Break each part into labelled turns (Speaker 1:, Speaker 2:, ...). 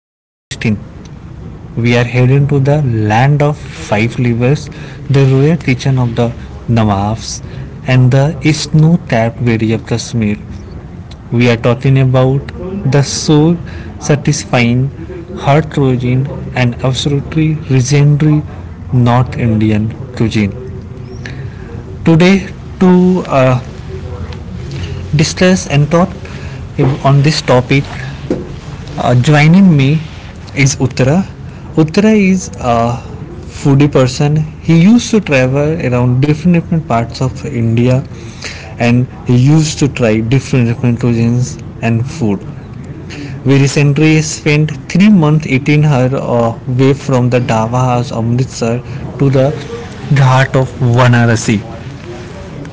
Speaker 1: we are feasting. We are heading to the land of five rivers, the royal kitchen of the Nawabs, and the snow-capped valley of Kashmir. We are talking about the soul-satisfying, heart-rosing, and absolutely legendary North Indian cuisine today to uh, discuss and talk on this topic. Joining me is uttara. Uttara is a foodie person. He used to travel around different different parts of india, and he used to try different different cuisines and food. We recently spent 3 months eating her way from the dhaba house Amritsar to the Ghat of Varanasi.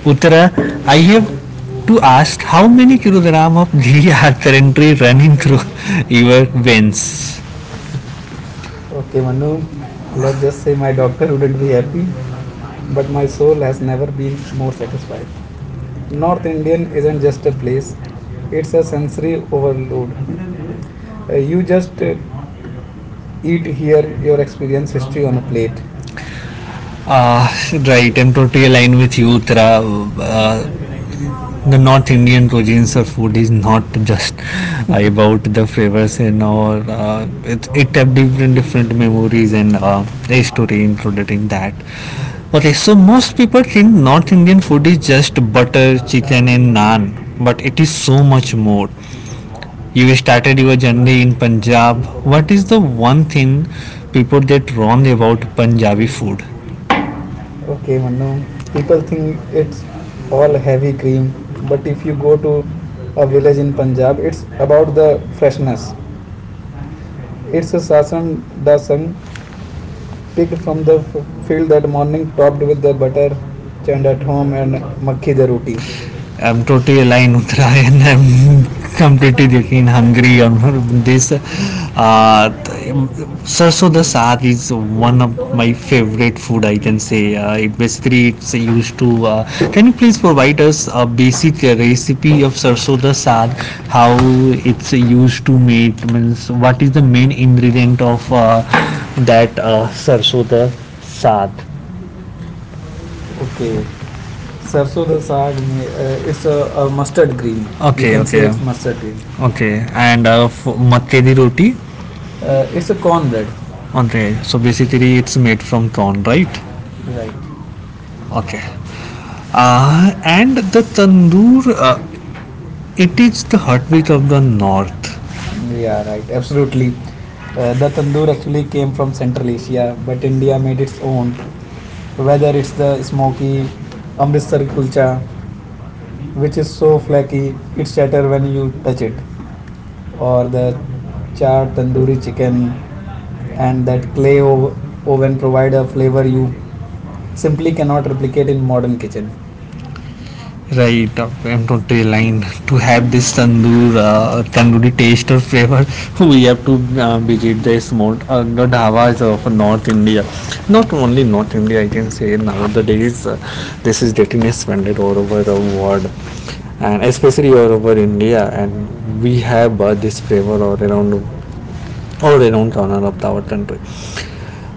Speaker 1: Uttara, I have to ask, how many kilogram of ghee are currently running through your veins?
Speaker 2: Okay, Manu, let's just say my doctor
Speaker 1: Not
Speaker 2: wouldn't be
Speaker 1: here,
Speaker 2: happy,
Speaker 1: but
Speaker 2: but
Speaker 1: much
Speaker 2: my soul has never been
Speaker 1: more
Speaker 2: more
Speaker 1: is fine.
Speaker 2: satisfied. North
Speaker 1: Northern
Speaker 2: Indian
Speaker 1: isn't
Speaker 2: isn't just a place,
Speaker 1: it,
Speaker 2: it's a sensory overload. Uh,
Speaker 1: you
Speaker 2: you just
Speaker 1: eat
Speaker 2: eat
Speaker 1: here.
Speaker 2: here your experience history on a plate.
Speaker 1: Ah, right, I'm totally aligned with you, Uttara. Uh, the North Indian cuisines or food is not just about the flavors and or it have different different memories and a story included in that. Okay, so most people think North Indian food is just butter, chicken and naan, but it is so much more. You started your journey in Punjab. What is the one thing people get wrong about Punjabi food?
Speaker 2: Okay, Manu,
Speaker 1: People
Speaker 2: people
Speaker 1: think
Speaker 2: think
Speaker 1: it's
Speaker 2: it's
Speaker 1: all
Speaker 2: all
Speaker 1: heavy
Speaker 2: heavy
Speaker 1: cream,
Speaker 2: cream, but
Speaker 1: but if
Speaker 2: if
Speaker 1: you
Speaker 2: you
Speaker 1: go
Speaker 2: go
Speaker 1: to
Speaker 2: to
Speaker 1: a
Speaker 2: a
Speaker 1: village
Speaker 2: village
Speaker 1: in
Speaker 2: in
Speaker 1: punjab,
Speaker 2: Punjab, it's
Speaker 1: a
Speaker 2: about the freshness.
Speaker 1: it
Speaker 2: It's a sasan
Speaker 1: the
Speaker 2: da sang picked from the
Speaker 1: pig
Speaker 2: field that morning, topped with the butter churned at home and
Speaker 1: fig-
Speaker 2: makhi the roti.
Speaker 1: I'm totally aligned with Rai. I'm completely getting hungry on this. Uh, Sarso the saag is one of my favorite food, I can say. It basically it's used to. Can you please provide us a basic recipe of sarso the saag? How it's used to make, means what is the main ingredient of that sarso the saag?
Speaker 2: Okay,
Speaker 1: So,
Speaker 2: sarso da saag, mein, it's a mustard green. You
Speaker 1: okay.
Speaker 2: can say it's mustard green.
Speaker 1: Okay, and f- makke di roti.
Speaker 2: It's a cornbread,
Speaker 1: Okay, so basically it's made from corn, right?
Speaker 2: right?
Speaker 1: Okay. And the tandoor, it is the heartbeat of the north.
Speaker 2: Yeah, right, absolutely. The tandoor actually came from Central Asia, but India made its own.
Speaker 1: Whether
Speaker 2: Whether it's the smoky
Speaker 1: um,
Speaker 2: Amritsar kulcha, which is so flaky it shatter when you touch it, or the charred tandoori chicken,
Speaker 1: and
Speaker 2: and that oven provide a flavor you simply cannot replicate in modern kitchen.
Speaker 1: right, I'm totally aligned. To have this tandoor, tandoori taste or flavor, we have to visit the small the dhavas of North India. Not only North India, I can say nowadays this is getting expanded all over the world, and especially all over India. And we have this flavor all around corner of our country.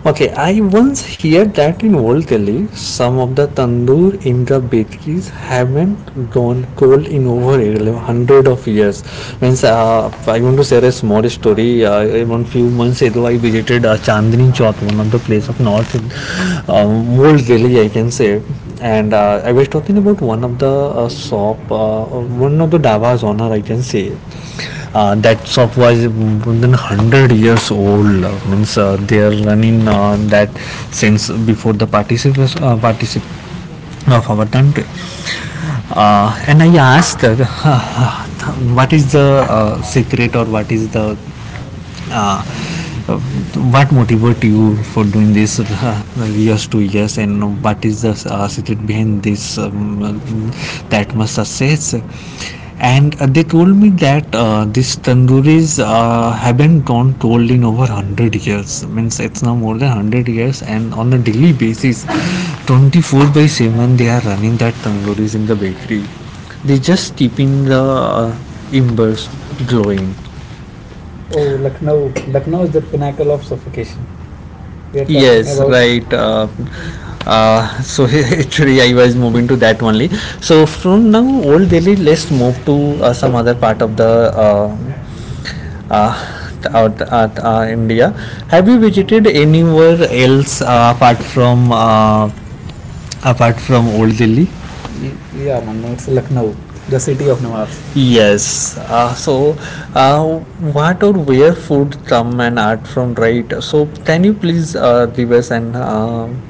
Speaker 1: Okay, I once heard that in Old Delhi, some of the tandoor in the bakeries haven't gone cold in over a hundred of years. Means, I want to share a small story. One few months ago, I visited Chandni Chowk, one of the place of North in Old Delhi, I can say, and I was talking about one of the shop, one of the davas on her, I can say. That shop was more than 100 years old, means they are running that since before the of our country. And I asked what is the secret, or what is the uh, what motivated you for doing this years to years, and what is the secret behind this that much success? And they told me that these tandooris haven't gone cold in over 100 years. I means it's now more than 100 years, and on a daily basis, 24 by 7, they are running that tandooris in the bakery. They just keeping the embers glowing.
Speaker 2: Oh, Lucknow. Lucknow is the pinnacle of suffocation.
Speaker 1: We
Speaker 2: We are talking
Speaker 1: yes,
Speaker 2: about
Speaker 1: right. So actually, I was moving to that only. So from now, Old Delhi, let's move to some other part of the uh, out at India. Have you visited anywhere else apart from apart from Old Delhi?
Speaker 2: Yeah, Mannu, it's Lucknow, the city of Nawabs.
Speaker 1: Yes. So, uh, what or where food come and art from, right? So, can you please give us an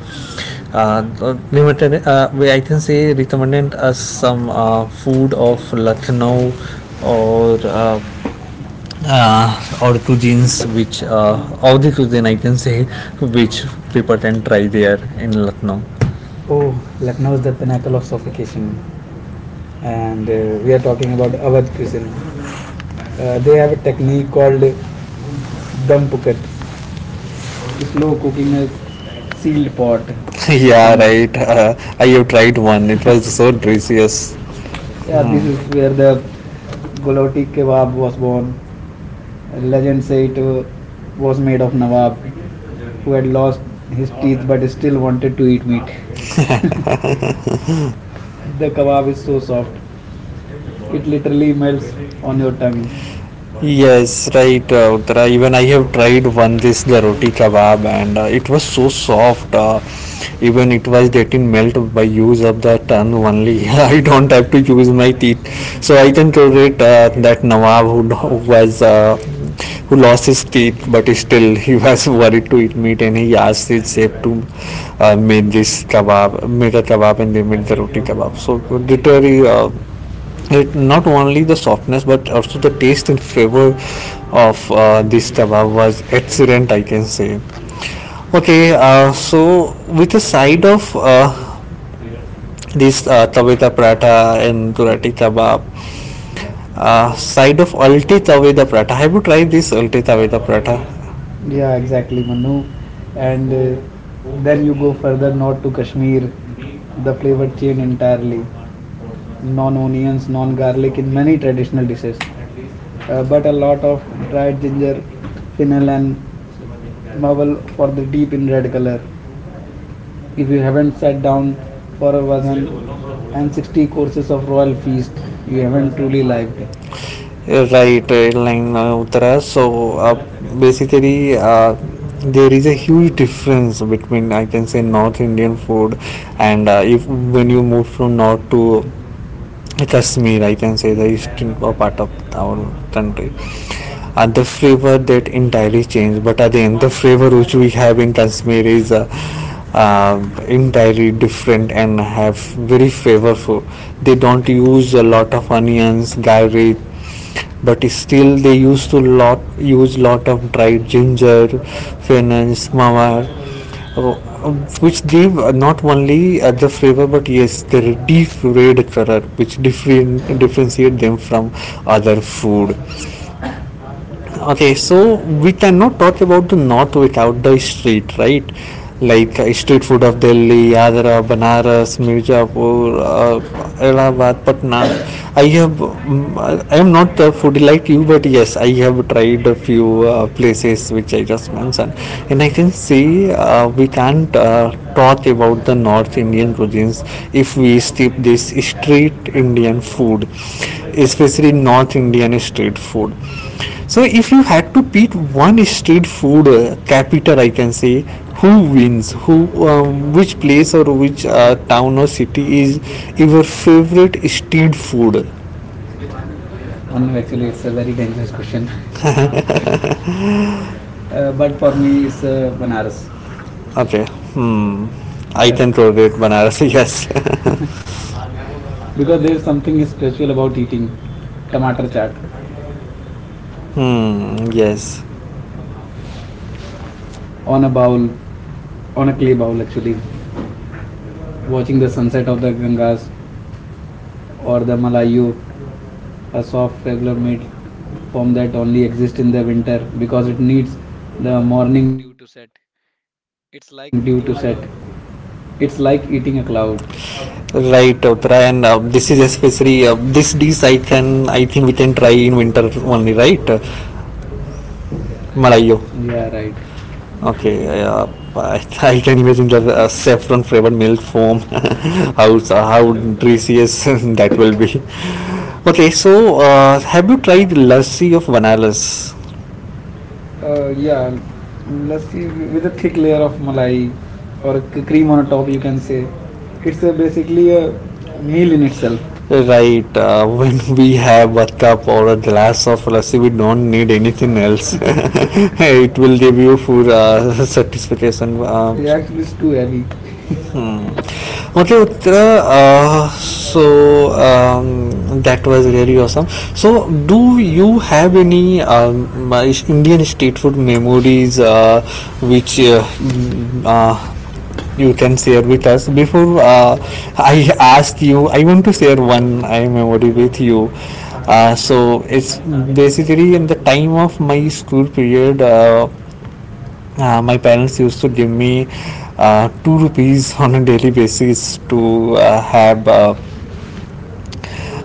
Speaker 1: uh, limited? We- I can say recommended us some food of Lucknow, or uh, or cuisines which all the cuisine, I can say, which people can try there in Lucknow.
Speaker 2: Oh, Lucknow is the pinnacle of suffocation. And we are talking about Awadh cuisine. They have a technique called dum pukat, slow cooking a sealed pot.
Speaker 1: Okay. The
Speaker 2: You
Speaker 1: yeah,
Speaker 2: can,
Speaker 1: right. I have tried one. It was so delicious.
Speaker 2: yeah, this is where the Goloti Kebab was born. Legend say it was made of Nawab, who had lost his teeth but still wanted to eat meat. The kebab is so soft, it literally melts on your tongue.
Speaker 1: Yes, right, Uttara. Even I have tried one this the roti kebab, and it was so soft. Even it was getting melt by use of the tongue only. I don't have to use my teeth, so I can tolerate that Nawab who was who lost his teeth, but still he was worried to eat meat, and he asked his chef to make a kebab, and they made the roti kebab. So literally, it not only the softness but also the taste in favor of this kebab was excellent, I can say. Okay, so with a side of this taveta prata and durati kebab, side of ulti taveta prata, have you tried this ulti taveta prata
Speaker 2: Yeah, exactly,
Speaker 1: even?
Speaker 2: Manu. And then you go further north to Kashmir, the flavor changed entirely. Non onions, non garlic in many traditional dishes, but a lot of dried ginger, fennel, and mawal for the deep in red color. If you haven't sat down for a wazan and 60 courses of royal feast. You haven't truly lived.
Speaker 1: Right, right line, Uttara. So basically, there is a huge difference between, I can say, North Indian food, and if when you move from North to Kashmir, I can say the eastern part of our country. And the flavor that entirely changed. But again, the flavor which we have in Kashmir is uh, entirely different and have very flavorful. They don't use a lot of onions, garlic, but still they used to lot of dried ginger, finance mawar, uh, which give not only the flavor but yes their deep red color, which differentiate them from other food. Okay, so we cannot talk about the north without the street, right? Like street food of delhi, agra, banaras, mirzapur, allahabad, patna. I have I am not a foodie like you, but yes I have tried a few uh, places which I just mentioned, and I can see we can't taught about the North Indian cuisines if we skip this street Indian food, especially North Indian street food. So, if you had to pick one street food capital, I can say, who wins, who, which place or which town or city is your favorite street food?
Speaker 2: Manu, actually, it's a very dangerous question. But for
Speaker 1: For me,
Speaker 2: me,
Speaker 1: it's
Speaker 2: it's Banaras.
Speaker 1: okay, hmm, I
Speaker 2: Uh,
Speaker 1: can tolerate Banaras, yes. Because
Speaker 2: because there's
Speaker 1: there's
Speaker 2: something
Speaker 1: something spiritual
Speaker 2: spiritual
Speaker 1: about
Speaker 2: about
Speaker 1: eating
Speaker 2: eating tomato
Speaker 1: tomato
Speaker 2: chaat
Speaker 1: chaat. Hmm, yes.
Speaker 2: on a bowl, on a clay bowl, actually. Watching the sunset of the Gangas or the
Speaker 1: Like
Speaker 2: Malayu,
Speaker 1: you
Speaker 2: a soft favourable made form that only exists in the winter because it needs the morning
Speaker 1: morning
Speaker 2: dew
Speaker 1: due
Speaker 2: to
Speaker 1: to
Speaker 2: set.
Speaker 1: set,
Speaker 2: It's
Speaker 1: it's like
Speaker 2: like eating
Speaker 1: eating
Speaker 2: a
Speaker 1: a
Speaker 2: cloud.
Speaker 1: cloud. Right, Uttara, and this is especially this dish I can I think we can try in winter only, right? Malayo.
Speaker 2: Yeah,
Speaker 1: Yeah,
Speaker 2: right.
Speaker 1: right. Okay, yeah, I, I can imagine the saffron flavored milk foam. How so, how delicious that will be. Okay, so have you tried lassi of Vanalas?
Speaker 2: Yeah,
Speaker 1: Um,
Speaker 2: lassi with a thick layer of malai
Speaker 1: I
Speaker 2: or a cream on a top, you can say. It's a basically a meal in itself.
Speaker 1: right, when we have a cup or a glass of lassi, we don't need anything else. It will give you full satisfaction.
Speaker 2: It actually is too heavy.
Speaker 1: Hmm. Okay, so that was really awesome. So do you have any indian street food memories which you can share with us? Before I ask you, I want to share one I memory with you. So it's basically in the time of my school period. My parents used to give me 2 rupees on a daily basis to have uh,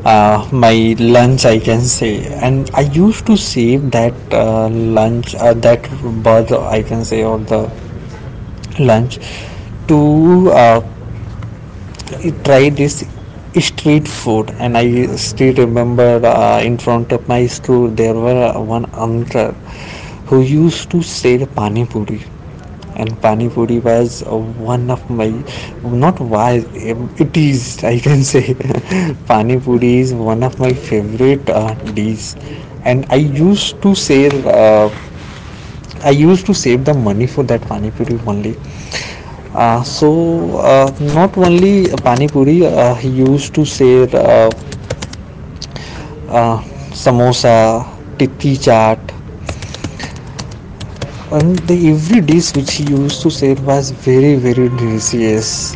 Speaker 1: uh, my lunch, I can say, and I used to save that lunch, that birth, I can say, or the lunch to I tried this street food, and I still remembered in front of my store there were one uncle who used to sell pani puri, and pani puri was one of my not why it is I can say pani puri is one of my favorite dish, and I used to sell uh, I used to save the money for that pani puri only. Not only pani puri, he used to share uh, samosa, titti chaat, and the every dish which he used to serve was very very delicious.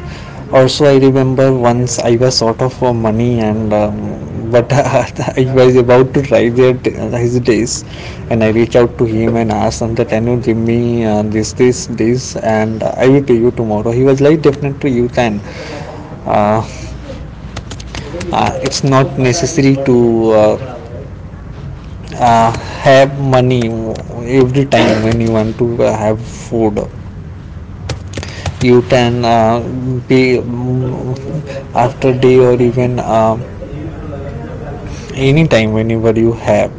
Speaker 1: Also I remember once I was sort of money and but I was about to try their his days, and I reached out to him and asked him that can you give me this this this and I will pay you tomorrow. He was like definitely you can, uh, it's not necessary to uh, uh, have money every time when you want to have food. You can be after day or even any time whenever you have.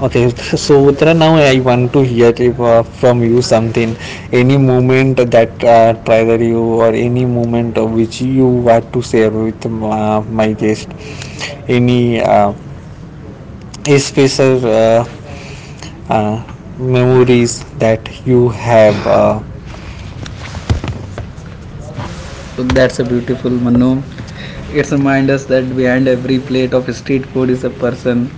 Speaker 1: Okay, so Uttara, now I want to hear if, from you something. Any moment that trigger you or any moment of which you want to share with my guest, any special uh, memories that you have uh? So
Speaker 2: So that's
Speaker 1: that's a
Speaker 2: a beautiful
Speaker 1: beautiful Manu.
Speaker 2: Manu. It's
Speaker 1: Always remind
Speaker 2: reminds
Speaker 1: us
Speaker 2: us
Speaker 1: that
Speaker 2: that behind
Speaker 1: behind every
Speaker 2: every
Speaker 1: plate
Speaker 2: plate of
Speaker 1: of street
Speaker 2: street food
Speaker 1: food is
Speaker 2: is
Speaker 1: a
Speaker 2: a
Speaker 1: person
Speaker 2: person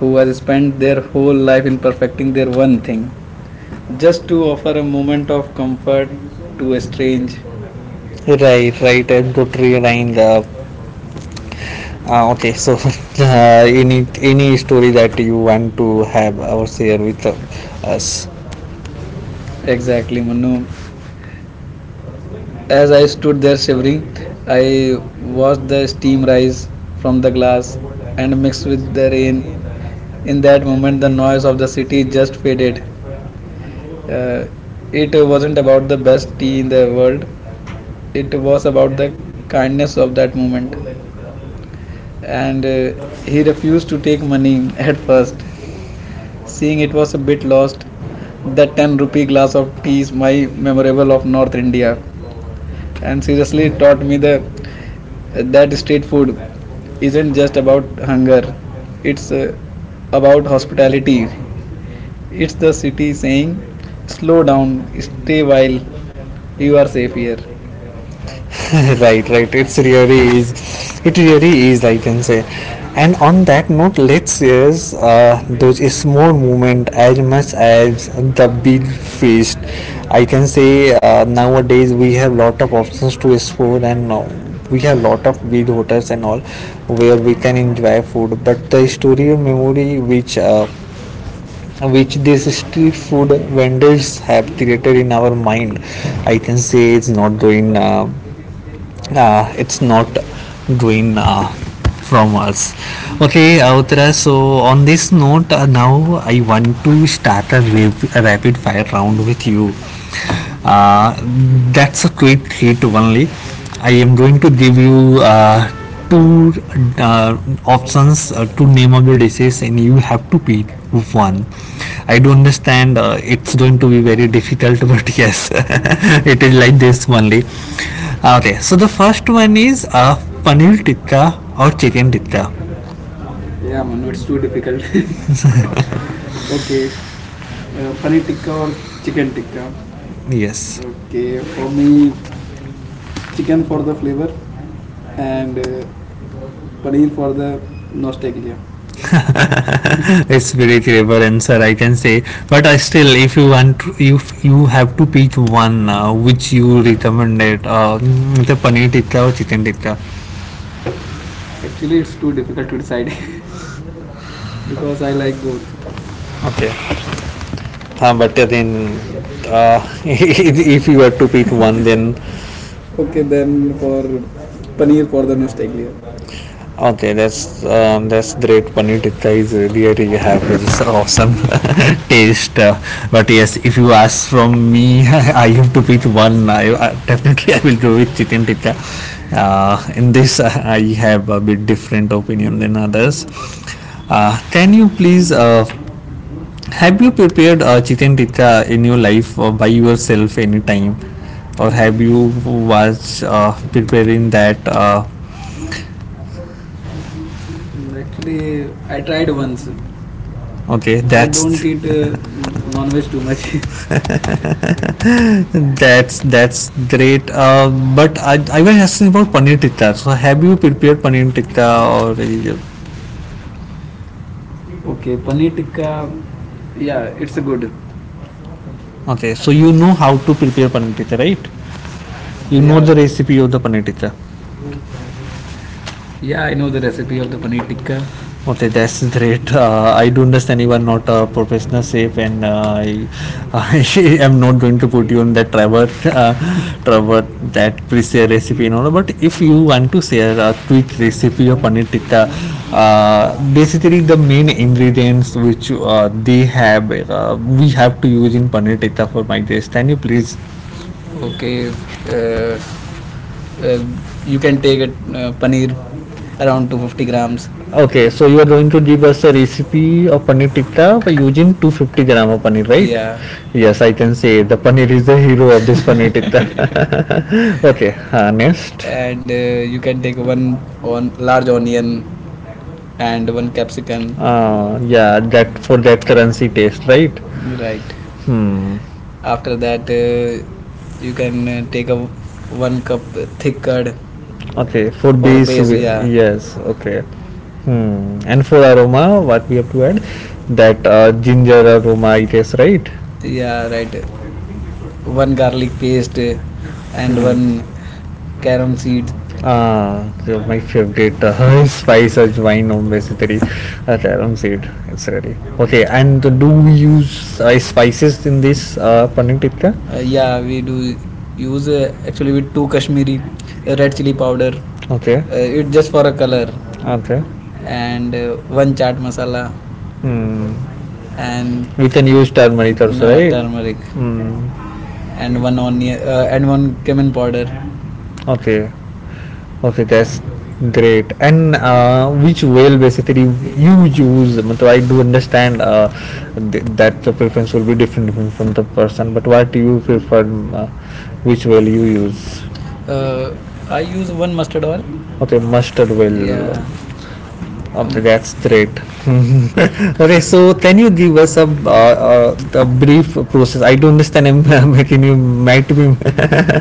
Speaker 2: who
Speaker 1: who
Speaker 2: has
Speaker 1: has spent
Speaker 2: spent their
Speaker 1: their
Speaker 2: whole life in perfecting
Speaker 1: expecting their
Speaker 2: their
Speaker 1: one
Speaker 2: one
Speaker 1: thing.
Speaker 2: thing, just to offer a moment of comfort to a
Speaker 1: Strange.
Speaker 2: strange.
Speaker 1: Right, right. I'm totally aligned. Okay, so any any story that you want to have or share with us? Exactly,
Speaker 2: Exactly,
Speaker 1: Manu.
Speaker 2: Manu.
Speaker 1: As
Speaker 2: As
Speaker 1: I
Speaker 2: I stood
Speaker 1: stood
Speaker 2: there
Speaker 1: shivering,
Speaker 2: shivering, I
Speaker 1: I
Speaker 2: watched the
Speaker 1: watched
Speaker 2: steam
Speaker 1: steam rise
Speaker 2: rise
Speaker 1: from
Speaker 2: from
Speaker 1: the
Speaker 2: the
Speaker 1: glass
Speaker 2: glass
Speaker 1: and
Speaker 2: and
Speaker 1: mixed
Speaker 2: mix with
Speaker 1: with
Speaker 2: the
Speaker 1: the rain.
Speaker 2: rain.
Speaker 1: In
Speaker 2: In
Speaker 1: that
Speaker 2: that moment,
Speaker 1: moment,
Speaker 2: the
Speaker 1: the noise
Speaker 2: noise of the city just faded. Uh,
Speaker 1: uh,
Speaker 2: it wasn't about the best tea
Speaker 1: tea
Speaker 2: in
Speaker 1: in the
Speaker 2: the world,
Speaker 1: world. It
Speaker 2: it was
Speaker 1: was
Speaker 2: about
Speaker 1: about
Speaker 2: the
Speaker 1: the kind
Speaker 2: kindness of that
Speaker 1: at moment
Speaker 2: moment. And
Speaker 1: and uh,
Speaker 2: he refused to take money
Speaker 1: money
Speaker 2: at
Speaker 1: at first.
Speaker 2: first,
Speaker 1: So
Speaker 2: seeing it was a bit
Speaker 1: it
Speaker 2: lost.
Speaker 1: lost. The
Speaker 2: That 10
Speaker 1: 10
Speaker 2: rupee
Speaker 1: rupee
Speaker 2: glass
Speaker 1: glass
Speaker 2: of
Speaker 1: of
Speaker 2: tea
Speaker 1: tea
Speaker 2: is
Speaker 1: is my
Speaker 2: my
Speaker 1: of
Speaker 2: memorable of North
Speaker 1: North
Speaker 2: India.
Speaker 1: India,
Speaker 2: And
Speaker 1: and
Speaker 2: seriously,
Speaker 1: seriously
Speaker 2: it
Speaker 1: taught
Speaker 2: taught me
Speaker 1: me
Speaker 2: the
Speaker 1: the
Speaker 2: that street food
Speaker 1: food.
Speaker 2: isn't just about hunger, it's
Speaker 1: It's
Speaker 2: uh,
Speaker 1: about
Speaker 2: about
Speaker 1: how it
Speaker 2: hospitality.
Speaker 1: is.
Speaker 2: It's the
Speaker 1: It
Speaker 2: city
Speaker 1: is saying
Speaker 2: saying, slow
Speaker 1: slow
Speaker 2: down,
Speaker 1: down,
Speaker 2: stay
Speaker 1: stay
Speaker 2: while
Speaker 1: while
Speaker 2: you
Speaker 1: you
Speaker 2: are
Speaker 1: are
Speaker 2: safe
Speaker 1: safe
Speaker 2: here.
Speaker 1: here. Right, right, it's really is, it really is, I can say. And on that note, let's use those small movement as much as the big feast, I can say. Nowadays we have lot of options to explore, and we have lot of big hotels and all where we can enjoy food, but the historical memory which which these street food vendors have created in our mind, I can say it's not doing from us. Okay, Uttara, so on this note now I want to start a, a rapid fire round with you. uh, that's a quick hit only. I am going to give you two uh, options, two name of the dishes, and you have to pick one. I do understand it's going to be very difficult, but yes, it is like this only. Okay, so the first one is a paneer tikka or chicken tikka.
Speaker 2: Yeah, Manu, it's too difficult. Okay,
Speaker 1: Okay,
Speaker 2: paneer tikka or chicken tikka?
Speaker 1: yes,
Speaker 2: Okay, for
Speaker 1: for
Speaker 2: me,
Speaker 1: me,
Speaker 2: chicken for the flavor and paneer for the nostalgia.
Speaker 1: it's very clever answer, I can say. But still, if you want, to, if you have to pick one, which you recommended, the paneer tikka or chicken tikka.
Speaker 2: Actually, it's too difficult to decide because I like both.
Speaker 1: Okay, but then uh, if you have to pick one, then
Speaker 2: Okay,
Speaker 1: then.
Speaker 2: then for paneer for the nostalgia.
Speaker 1: Okay, that's great. Paneer tikka is really really have this awesome taste. But yes, if you ask from me, I have to pick one. I definitely I will go with chicken tikka. In this, I have a bit different opinion than others. Can you please? Have you prepared a chicken tikka in your life by yourself anytime, or have you was preparing that?
Speaker 2: Mm, actually, I tried once.
Speaker 1: Okay,
Speaker 2: I
Speaker 1: that's
Speaker 2: don't eat non-veg too much.
Speaker 1: that's great. But I was asking about paneer tikka, so have you prepared paneer tikka or
Speaker 2: Okay, paneer tikka, yeah, it's a good.
Speaker 1: okay, so you know how to prepare paneer tikka, right? You know,
Speaker 2: Yeah,
Speaker 1: yeah, the recipe of the paneer tikka.
Speaker 2: yeah, I know the recipe of the paneer tikka.
Speaker 1: Okay, that's great. I do understand you are not a professional chef, and I, I am not going to put you on that Trevor, uh, Trevor that pre-share recipe and all. But if you want to share a quick recipe of paneer tikka, basically the main ingredients which we have to use in paneer tikka for my taste. Can you please?
Speaker 2: Okay,
Speaker 1: Uh,
Speaker 2: uh, uh, you can take it paneer
Speaker 1: uh,
Speaker 2: around 250 grams.
Speaker 1: Okay, so you are going to give us a recipe of paneer tikka by using 250 gram of paneer, right?
Speaker 2: Yeah,
Speaker 1: Yeah. Yes, I can say the paneer is the hero of this paneer tikka. Okay, next. And
Speaker 2: and
Speaker 1: you
Speaker 2: you can
Speaker 1: can take
Speaker 2: take
Speaker 1: one.
Speaker 2: one on large onion and one capsicum.
Speaker 1: Yeah, that for that currency taste, right?
Speaker 2: Right.
Speaker 1: Hmm.
Speaker 2: After that,
Speaker 1: And,
Speaker 2: you can take a one cup
Speaker 1: uh,
Speaker 2: thick curd
Speaker 1: okay, for
Speaker 2: for
Speaker 1: base, case,
Speaker 2: base.
Speaker 1: we- yeah,
Speaker 2: Yeah,
Speaker 1: yes, okay. Hmm. And for aroma, what we have to add? That ginger aroma it is, right?
Speaker 2: yeah, right. One garlic paste
Speaker 1: And
Speaker 2: and
Speaker 1: one,
Speaker 2: one carom seed.
Speaker 1: ah, so my favorite spice is wine on basically. Tarum seed, it's ready. Okay, and do we use spices in this paneer tikka?
Speaker 2: Yeah, we do use actually with two Kashmiri red chili powder.
Speaker 1: Okay.
Speaker 2: It just for a color
Speaker 1: Okay.
Speaker 2: and one chaat masala
Speaker 1: Hmm, and
Speaker 2: and
Speaker 1: we can use turmeric also, right? Then
Speaker 2: turmeric
Speaker 1: hmm,
Speaker 2: and one onion and one
Speaker 1: one.
Speaker 2: cumin powder.
Speaker 1: Okay, okay, that's great. And which whale basically you use? I do understand that the preference will be different from the person, but what do you prefer? Uh, which whale you use?
Speaker 2: Uh, I use one mustard oil.
Speaker 1: Okay, mustard whale, yeah.
Speaker 2: Yeah, um,
Speaker 1: That's great. Okay, so can you give us a brief process? I don't understand. I'm making you, might be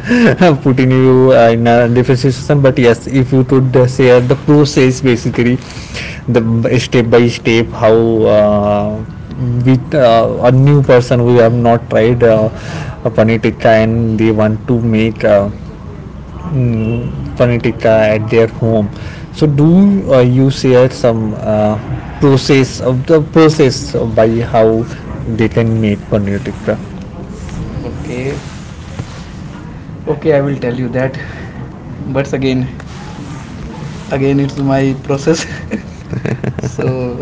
Speaker 1: putting you in a different situation, but yes, if you could share the process basically, the step by step, how uh, with a new person who have not tried a panitika and they want to make. Mm, Panitika at their home. So, do you share some process of the process by how they can make paneer tikka?
Speaker 2: okay, okay, I will tell you that. But again, it's my process. So,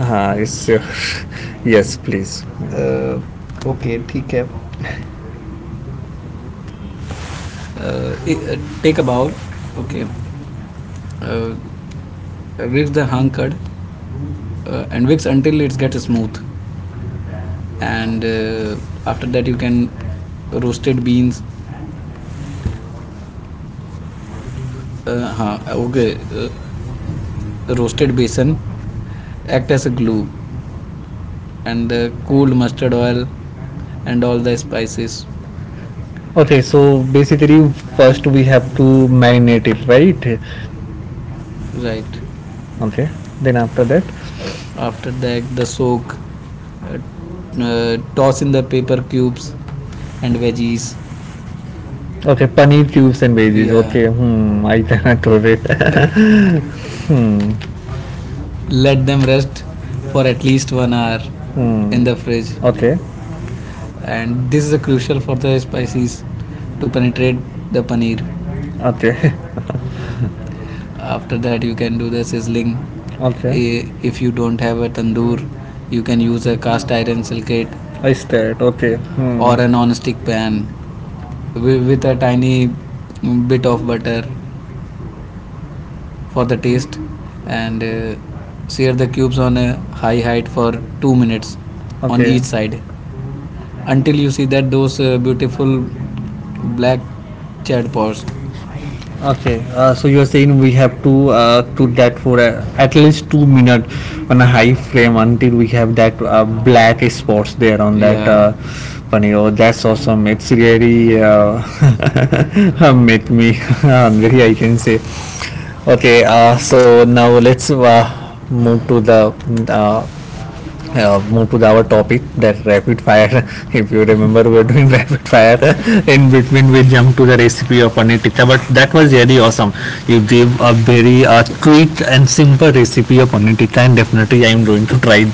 Speaker 1: Ah, it's yes, please.
Speaker 2: uh, okay, ठीक है. Uh, i- uh, take a bowl. Okay.
Speaker 1: Okay,
Speaker 2: Uh,
Speaker 1: With
Speaker 2: Whisk the
Speaker 1: that
Speaker 2: hung curd and whisk until
Speaker 1: until
Speaker 2: it
Speaker 1: it gets
Speaker 2: gets smooth.
Speaker 1: smooth,
Speaker 2: And
Speaker 1: and
Speaker 2: after
Speaker 1: uh,
Speaker 2: that, you
Speaker 1: you can
Speaker 2: can
Speaker 1: roasted
Speaker 2: roasted beans.
Speaker 1: beans
Speaker 2: हाँ, okay. Roasted besan
Speaker 1: sun
Speaker 2: act as
Speaker 1: as
Speaker 2: a
Speaker 1: a glue
Speaker 2: glue
Speaker 1: and
Speaker 2: and the
Speaker 1: the cold
Speaker 2: cold
Speaker 1: mustard
Speaker 2: mustard oil and all the spices.
Speaker 1: is. Okay, so basically first we have to marinate it, right? Right.
Speaker 2: Right.
Speaker 1: Okay. Then after
Speaker 2: After
Speaker 1: that,
Speaker 2: that, the soak
Speaker 1: uh, toss
Speaker 2: toss
Speaker 1: in
Speaker 2: in
Speaker 1: the
Speaker 2: the paper
Speaker 1: peps
Speaker 2: cubes and
Speaker 1: and veggies.
Speaker 2: veggies.
Speaker 1: Okay, paneer tubes and veggies. Yeah.
Speaker 2: Yeah,
Speaker 1: Okay, hmm, I cannot do it.
Speaker 2: Arre,
Speaker 1: Hmm,
Speaker 2: let
Speaker 1: let
Speaker 2: them
Speaker 1: it
Speaker 2: rest
Speaker 1: for
Speaker 2: for
Speaker 1: at
Speaker 2: at
Speaker 1: least
Speaker 2: least
Speaker 1: one
Speaker 2: 1 hour
Speaker 1: hour hmm, in
Speaker 2: in
Speaker 1: the
Speaker 2: the
Speaker 1: fridge.
Speaker 2: fridge,
Speaker 1: Okay,
Speaker 2: and
Speaker 1: and
Speaker 2: this
Speaker 1: this
Speaker 2: is a crucial for the
Speaker 1: rice
Speaker 2: spices
Speaker 1: is to
Speaker 2: to
Speaker 1: penetrate
Speaker 2: penetrate
Speaker 1: the
Speaker 2: the
Speaker 1: paneer.
Speaker 2: paneer.
Speaker 1: Okay. After
Speaker 2: After
Speaker 1: that,
Speaker 2: that, you
Speaker 1: you
Speaker 2: can
Speaker 1: can
Speaker 2: do
Speaker 1: do
Speaker 2: the
Speaker 1: the
Speaker 2: sizzling.
Speaker 1: sizzling. Okay.
Speaker 2: Okay. Eh, if you don't have a tandoor, you
Speaker 1: You
Speaker 2: can
Speaker 1: can
Speaker 2: use
Speaker 1: use
Speaker 2: a
Speaker 1: a
Speaker 2: cast iron skillet,
Speaker 1: I start. Okay.
Speaker 2: hmm,
Speaker 1: Hmm,
Speaker 2: or
Speaker 1: or
Speaker 2: a
Speaker 1: a
Speaker 2: non-stick
Speaker 1: non-stick
Speaker 2: pan
Speaker 1: pan.
Speaker 2: with a
Speaker 1: A
Speaker 2: tiny bit
Speaker 1: bit
Speaker 2: of butter for
Speaker 1: first
Speaker 2: the taste
Speaker 1: uh,
Speaker 2: and sear
Speaker 1: serves
Speaker 2: the cubes on
Speaker 1: on
Speaker 2: a
Speaker 1: a
Speaker 2: high height for 2
Speaker 1: 2 minutes,
Speaker 2: minutes
Speaker 1: okay, on
Speaker 2: on
Speaker 1: okay, each
Speaker 2: each
Speaker 1: side
Speaker 2: side until
Speaker 1: until
Speaker 2: you
Speaker 1: you
Speaker 2: see
Speaker 1: see the
Speaker 2: that those beautiful
Speaker 1: full
Speaker 2: black
Speaker 1: black
Speaker 2: chad pods.
Speaker 1: tips. Okay, so you are saying we have to that for at least 2 minutes on a high frame until we have that black spots there on that. Yeah,
Speaker 2: Yeah,
Speaker 1: paneer. Oh, that's awesome! It's really made me hungry, I can say. Okay, so now let's move to the uh, move to the, our topic that rapid fire. If you remember, we were doing rapid fire. In between, we jumped to the recipe of paneer tikka, but that was really awesome. You gave a very quick and simple recipe of paneer, and definitely I am going to try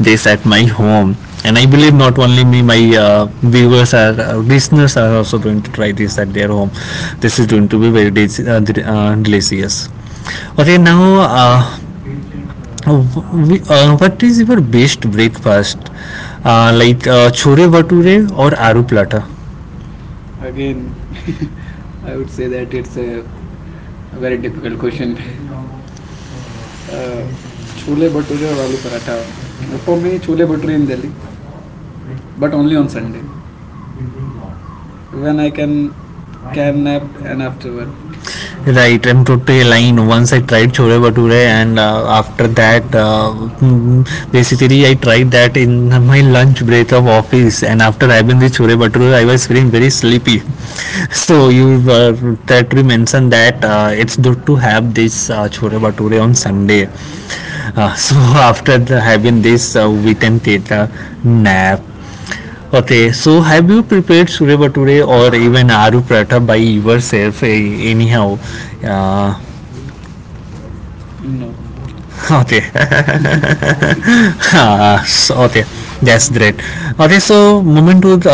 Speaker 1: this at my home, and I believe not only me, my uh, viewers are listeners are also going to try this at their home. This is going to be very uh, delicious. Okay, now uh, what is your best breakfast like chore bhature or aru plata?
Speaker 2: Again, I would say that it's a very difficult question. Uh, Chole bhature or aloo paratha. For me, chole bhature in Delhi, but only on Sunday when I
Speaker 1: I can
Speaker 2: can
Speaker 1: can.
Speaker 2: nap and afterward.
Speaker 1: Right, M2 line. Once I tried Chole Bhature, and after that, mm, basically, I tried that in my lunch break of office. And after having the Chole Bhature, I was feeling very sleepy. So, you that we mentioned that it's good to have this Chole Bhature on Sunday. So, after the, having this, we can take a nap. Okay, so have you prepared Sure Bhature or even Aru Paratha by yourself, eh, anyhow? Uh,
Speaker 2: No.
Speaker 1: okay, ah, so, okay, that's great. Okay, so moving to the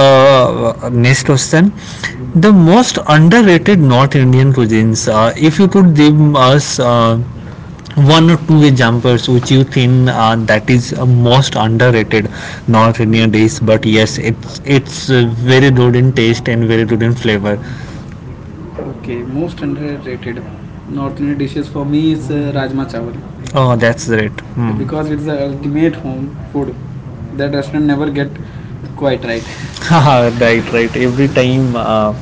Speaker 1: next question, the most underrated North Indian cuisines, if you could give us one or two examples which you think that is most underrated North Indian dish, but yes it's it's uh, very good in taste and very good in flavor.
Speaker 2: Okay,
Speaker 1: Okay,
Speaker 2: most
Speaker 1: most underrated.
Speaker 2: underrated North Indian dishes for me is Rajma Chawal.
Speaker 1: Oh, that's great. Hmm.
Speaker 2: Because it's the ultimate home food that restaurant never get quite right.
Speaker 1: Right, right. Every time,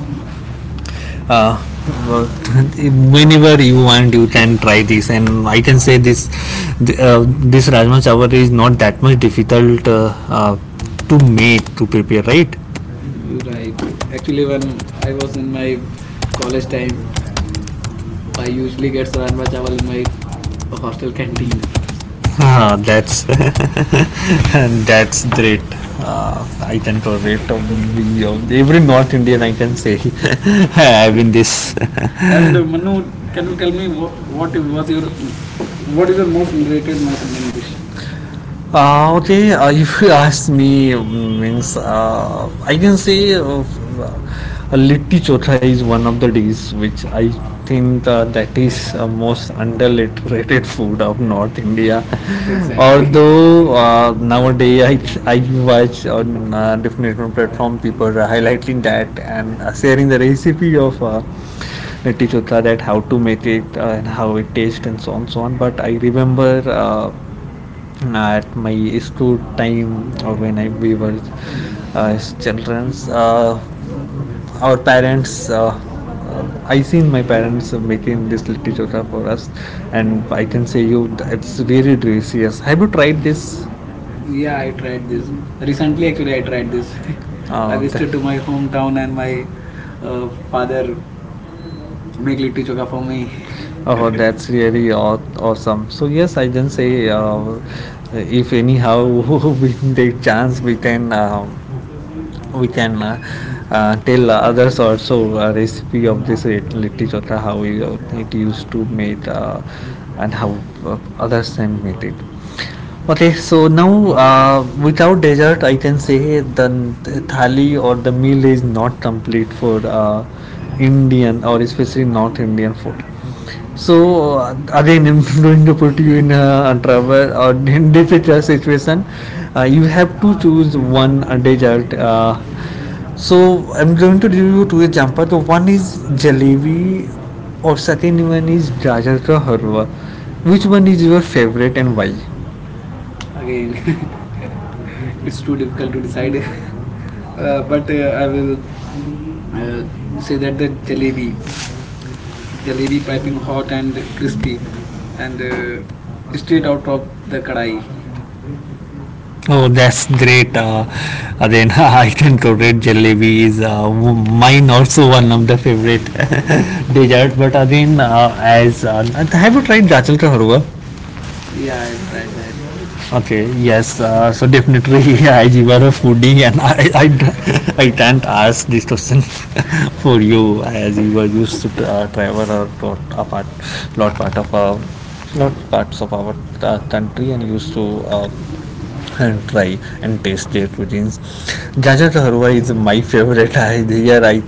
Speaker 1: uh, whenever you want, you can try this, and I can say this, this rajma chawal is not that much difficult to make, to prepare, right?
Speaker 2: Right. Actually, when I was in my college time,
Speaker 1: Right.
Speaker 2: I usually get Rajma Chawal in my
Speaker 1: Time,
Speaker 2: hostel canteen.
Speaker 1: ah, that's that's great. I can tolerate every North Indian, I can say. I've been this.
Speaker 2: And
Speaker 1: And
Speaker 2: Manu,
Speaker 1: Manu,
Speaker 2: can you tell me what was your mm, what is your most underrated North Indian dish?
Speaker 1: Okay, if you ask me, mm, means I can say Litti Chotha is one of the dish which I think that is most underrated food of North India. Exactly.
Speaker 2: Exactly.
Speaker 1: Although nowadays, I watch on different different platform, people are highlighting that and sharing the recipe of Litti Chotha, that how to make it and how it tastes and so on so on. But I remember. At my school time, or when I, we were children, our parents I seen my parents making this litti chokha for us, and I can say you, it's really delicious. Have you tried this?
Speaker 2: Yeah, I tried this
Speaker 1: This
Speaker 2: recently. Actually, I tried this.
Speaker 1: this
Speaker 2: I visited to my hometown and my
Speaker 1: father.
Speaker 2: father make litti chokha for me.
Speaker 1: Oh, that's really aw- awesome. So yes, I can say if anyhow we take chance, we can tell others also a recipe of this litti chotha how it used to made and how others can make it. Okay, so now, without dessert I can say the thali or the meal is not complete for Indian or especially North Indian food. So again, I'm going to put you in a trouble or in difficult situation. You have to choose one dessert. So I'm going to review two jumper. The one is jalebi, or second one is gajar ka halwa. Which one is your favorite and why?
Speaker 2: Again, it's too difficult to decide. But I will uh, say that the jalebi,
Speaker 1: Maybe
Speaker 2: jalebi piping hot and crispy and straight out of the kadai.
Speaker 1: कढ़ाई. Oh, that's great. Again, I can correct jalebi is mine also one of the favorite dessert. But again, as have you tried gajar ka halwa?
Speaker 2: Yeah, I've tried that.
Speaker 1: Okay, yes, so definitely I you are a foodie and I can't ask this question for you as you were used to travel a lot, apart, lot part of lot parts of our country and used to and try and taste their cuisines. Gajar ka halwa is my favorite. I here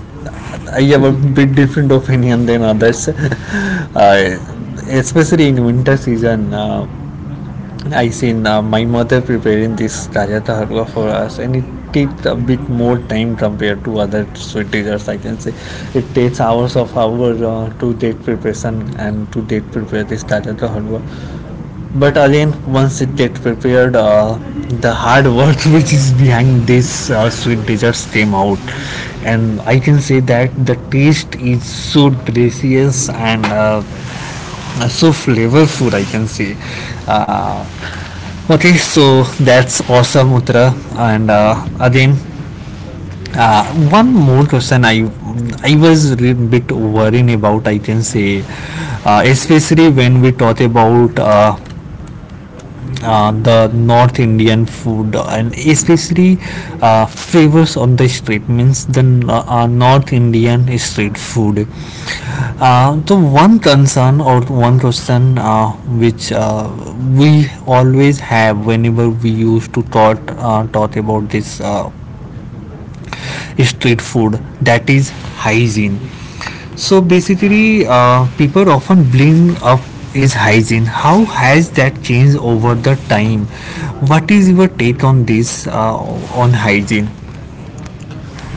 Speaker 1: I have a bit different opinion than others. Especially in winter season. I seen my mother preparing this gajata halwa for us, and it takes a bit more time compared to other sweet desserts. I can say it takes hours of hour to date preparation and to date prepare this gajata halwa. But again, once it get prepared, the hard work which is behind this sweet desserts came out, and I can say that the taste is so delicious and so flavorful, I can say. uh, okay, so that's awesome, Uttara. And again, uh, one more question. I was a bit worrying about, I can say, especially when we talk about the North Indian food and especially favors of the street, means the North Indian street food. The one concern or one question which we always have whenever we used to talk about this street food, that is hygiene. So basically, people often bring up is hygiene, how has that changed over the time? What is your take on this on hygiene?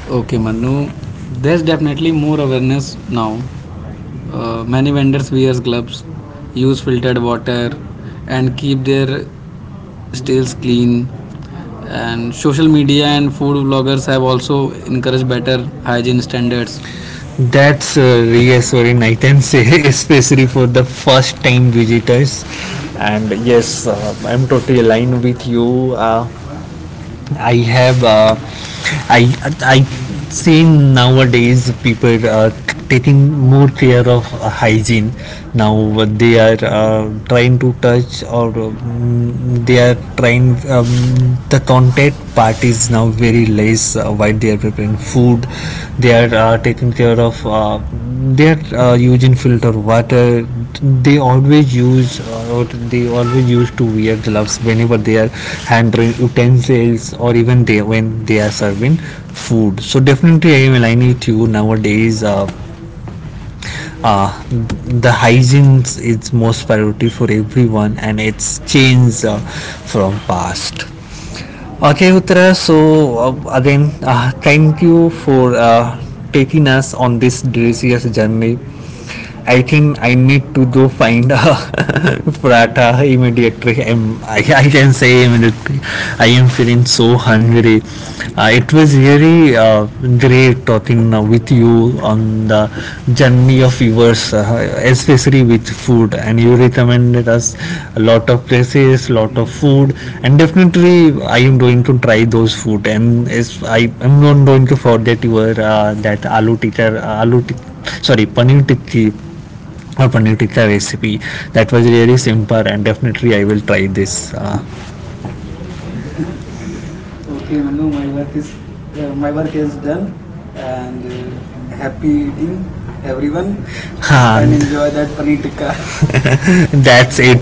Speaker 2: Okay,
Speaker 1: Okay,
Speaker 2: Manu,
Speaker 1: Manu,
Speaker 2: there's definitely more awareness
Speaker 1: awareness now.
Speaker 2: now. Many
Speaker 1: Many
Speaker 2: vendors
Speaker 1: vendors
Speaker 2: wear
Speaker 1: wear
Speaker 2: gloves,
Speaker 1: gloves,
Speaker 2: use filtered water,
Speaker 1: ter-
Speaker 2: and
Speaker 1: and
Speaker 2: keep
Speaker 1: keep
Speaker 2: their
Speaker 1: their
Speaker 2: stalls
Speaker 1: stalls clean.
Speaker 2: clean. And
Speaker 1: And
Speaker 2: social
Speaker 1: social
Speaker 2: media
Speaker 1: media
Speaker 2: and
Speaker 1: and
Speaker 2: food
Speaker 1: food,
Speaker 2: vloggers have
Speaker 1: also
Speaker 2: also encouraged better
Speaker 1: better
Speaker 2: hygiene
Speaker 1: hygiene
Speaker 2: standards.
Speaker 1: standards. That's reassuring, I can say, especially for the first time visitors. And yes, I'm totally aligned with you. I have, uh, I, I seen nowadays people are taking more care of hygiene. Now they are trying to touch or they are trying. The contact part is now very less while they are preparing food. They are taking care of they are using filter water. They always use or they always used to wear gloves whenever they are handling utensils or even they when they are serving food. So definitely I am aligning with you. Nowadays, uh, the hygiene is most priority for everyone, and it's changed from past.
Speaker 2: Mm.
Speaker 1: Okay, Uttara, so again, thank you for taking us on this delicious journey. I think I need to go find a prata immediately. I can say immediately. I am feeling so hungry. It was really great talking with you on the journey of yours, especially with food, and you recommended us a lot of places, lot of food, and definitely I am going to try those food. And is I am not going to forget your that aloo tikka aloo tik- sorry, paneer tikki or paneer tikka recipe. That was really simple, and definitely I will try this. uh,
Speaker 2: Okay, Manu, my work is done,
Speaker 1: Then,
Speaker 2: and happy eating, everyone,
Speaker 1: even
Speaker 2: and
Speaker 1: ha
Speaker 2: enjoy that paneer tikka.
Speaker 1: that's it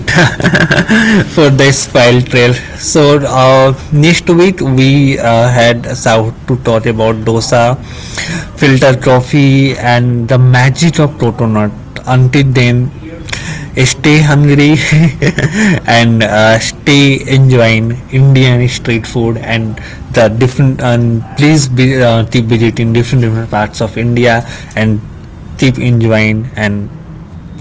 Speaker 1: for this file trail. So next week we had Saud to talk about dosa, filter coffee, and the magic of protonut. Until then, stay hungry and stay enjoying Indian street food, and the different, and please be keep visiting different parts of India and keep enjoying and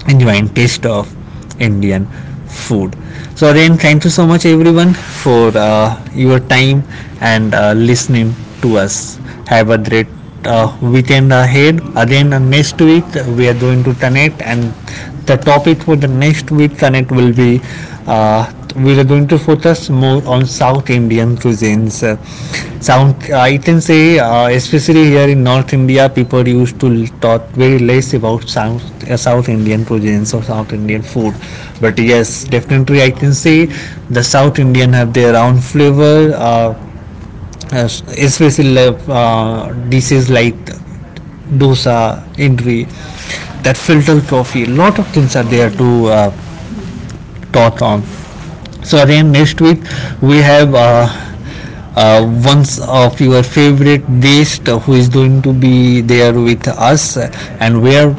Speaker 1: enjoying taste of Indian food. So again, thank you so much everyone for your time and listening to us. Have a great weekend ahead. Again, next week we are going to connect, and the topic for the next week connect will be we are going to focus more on South Indian cuisines. South, I can say, especially here in North India, people used to talk very less about South Indian cuisines or South Indian food. But yes, definitely, I can say the South Indian have their own flavor. Uh, Especially dishes like dosa, idli, that filter coffee. Lot of things are there to talk on. So again, next week we have one of your favorite guest who is going to be there with us, and we are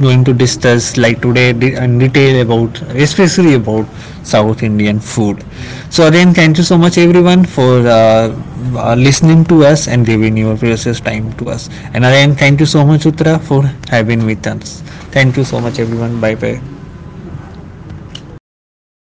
Speaker 1: going to discuss like today in detail about, especially about South Indian food. So again, thank you so much everyone for listening to us and giving your precious time to us. And again, thank you so much Uttara for having with us. Thank you so much everyone. Bye bye.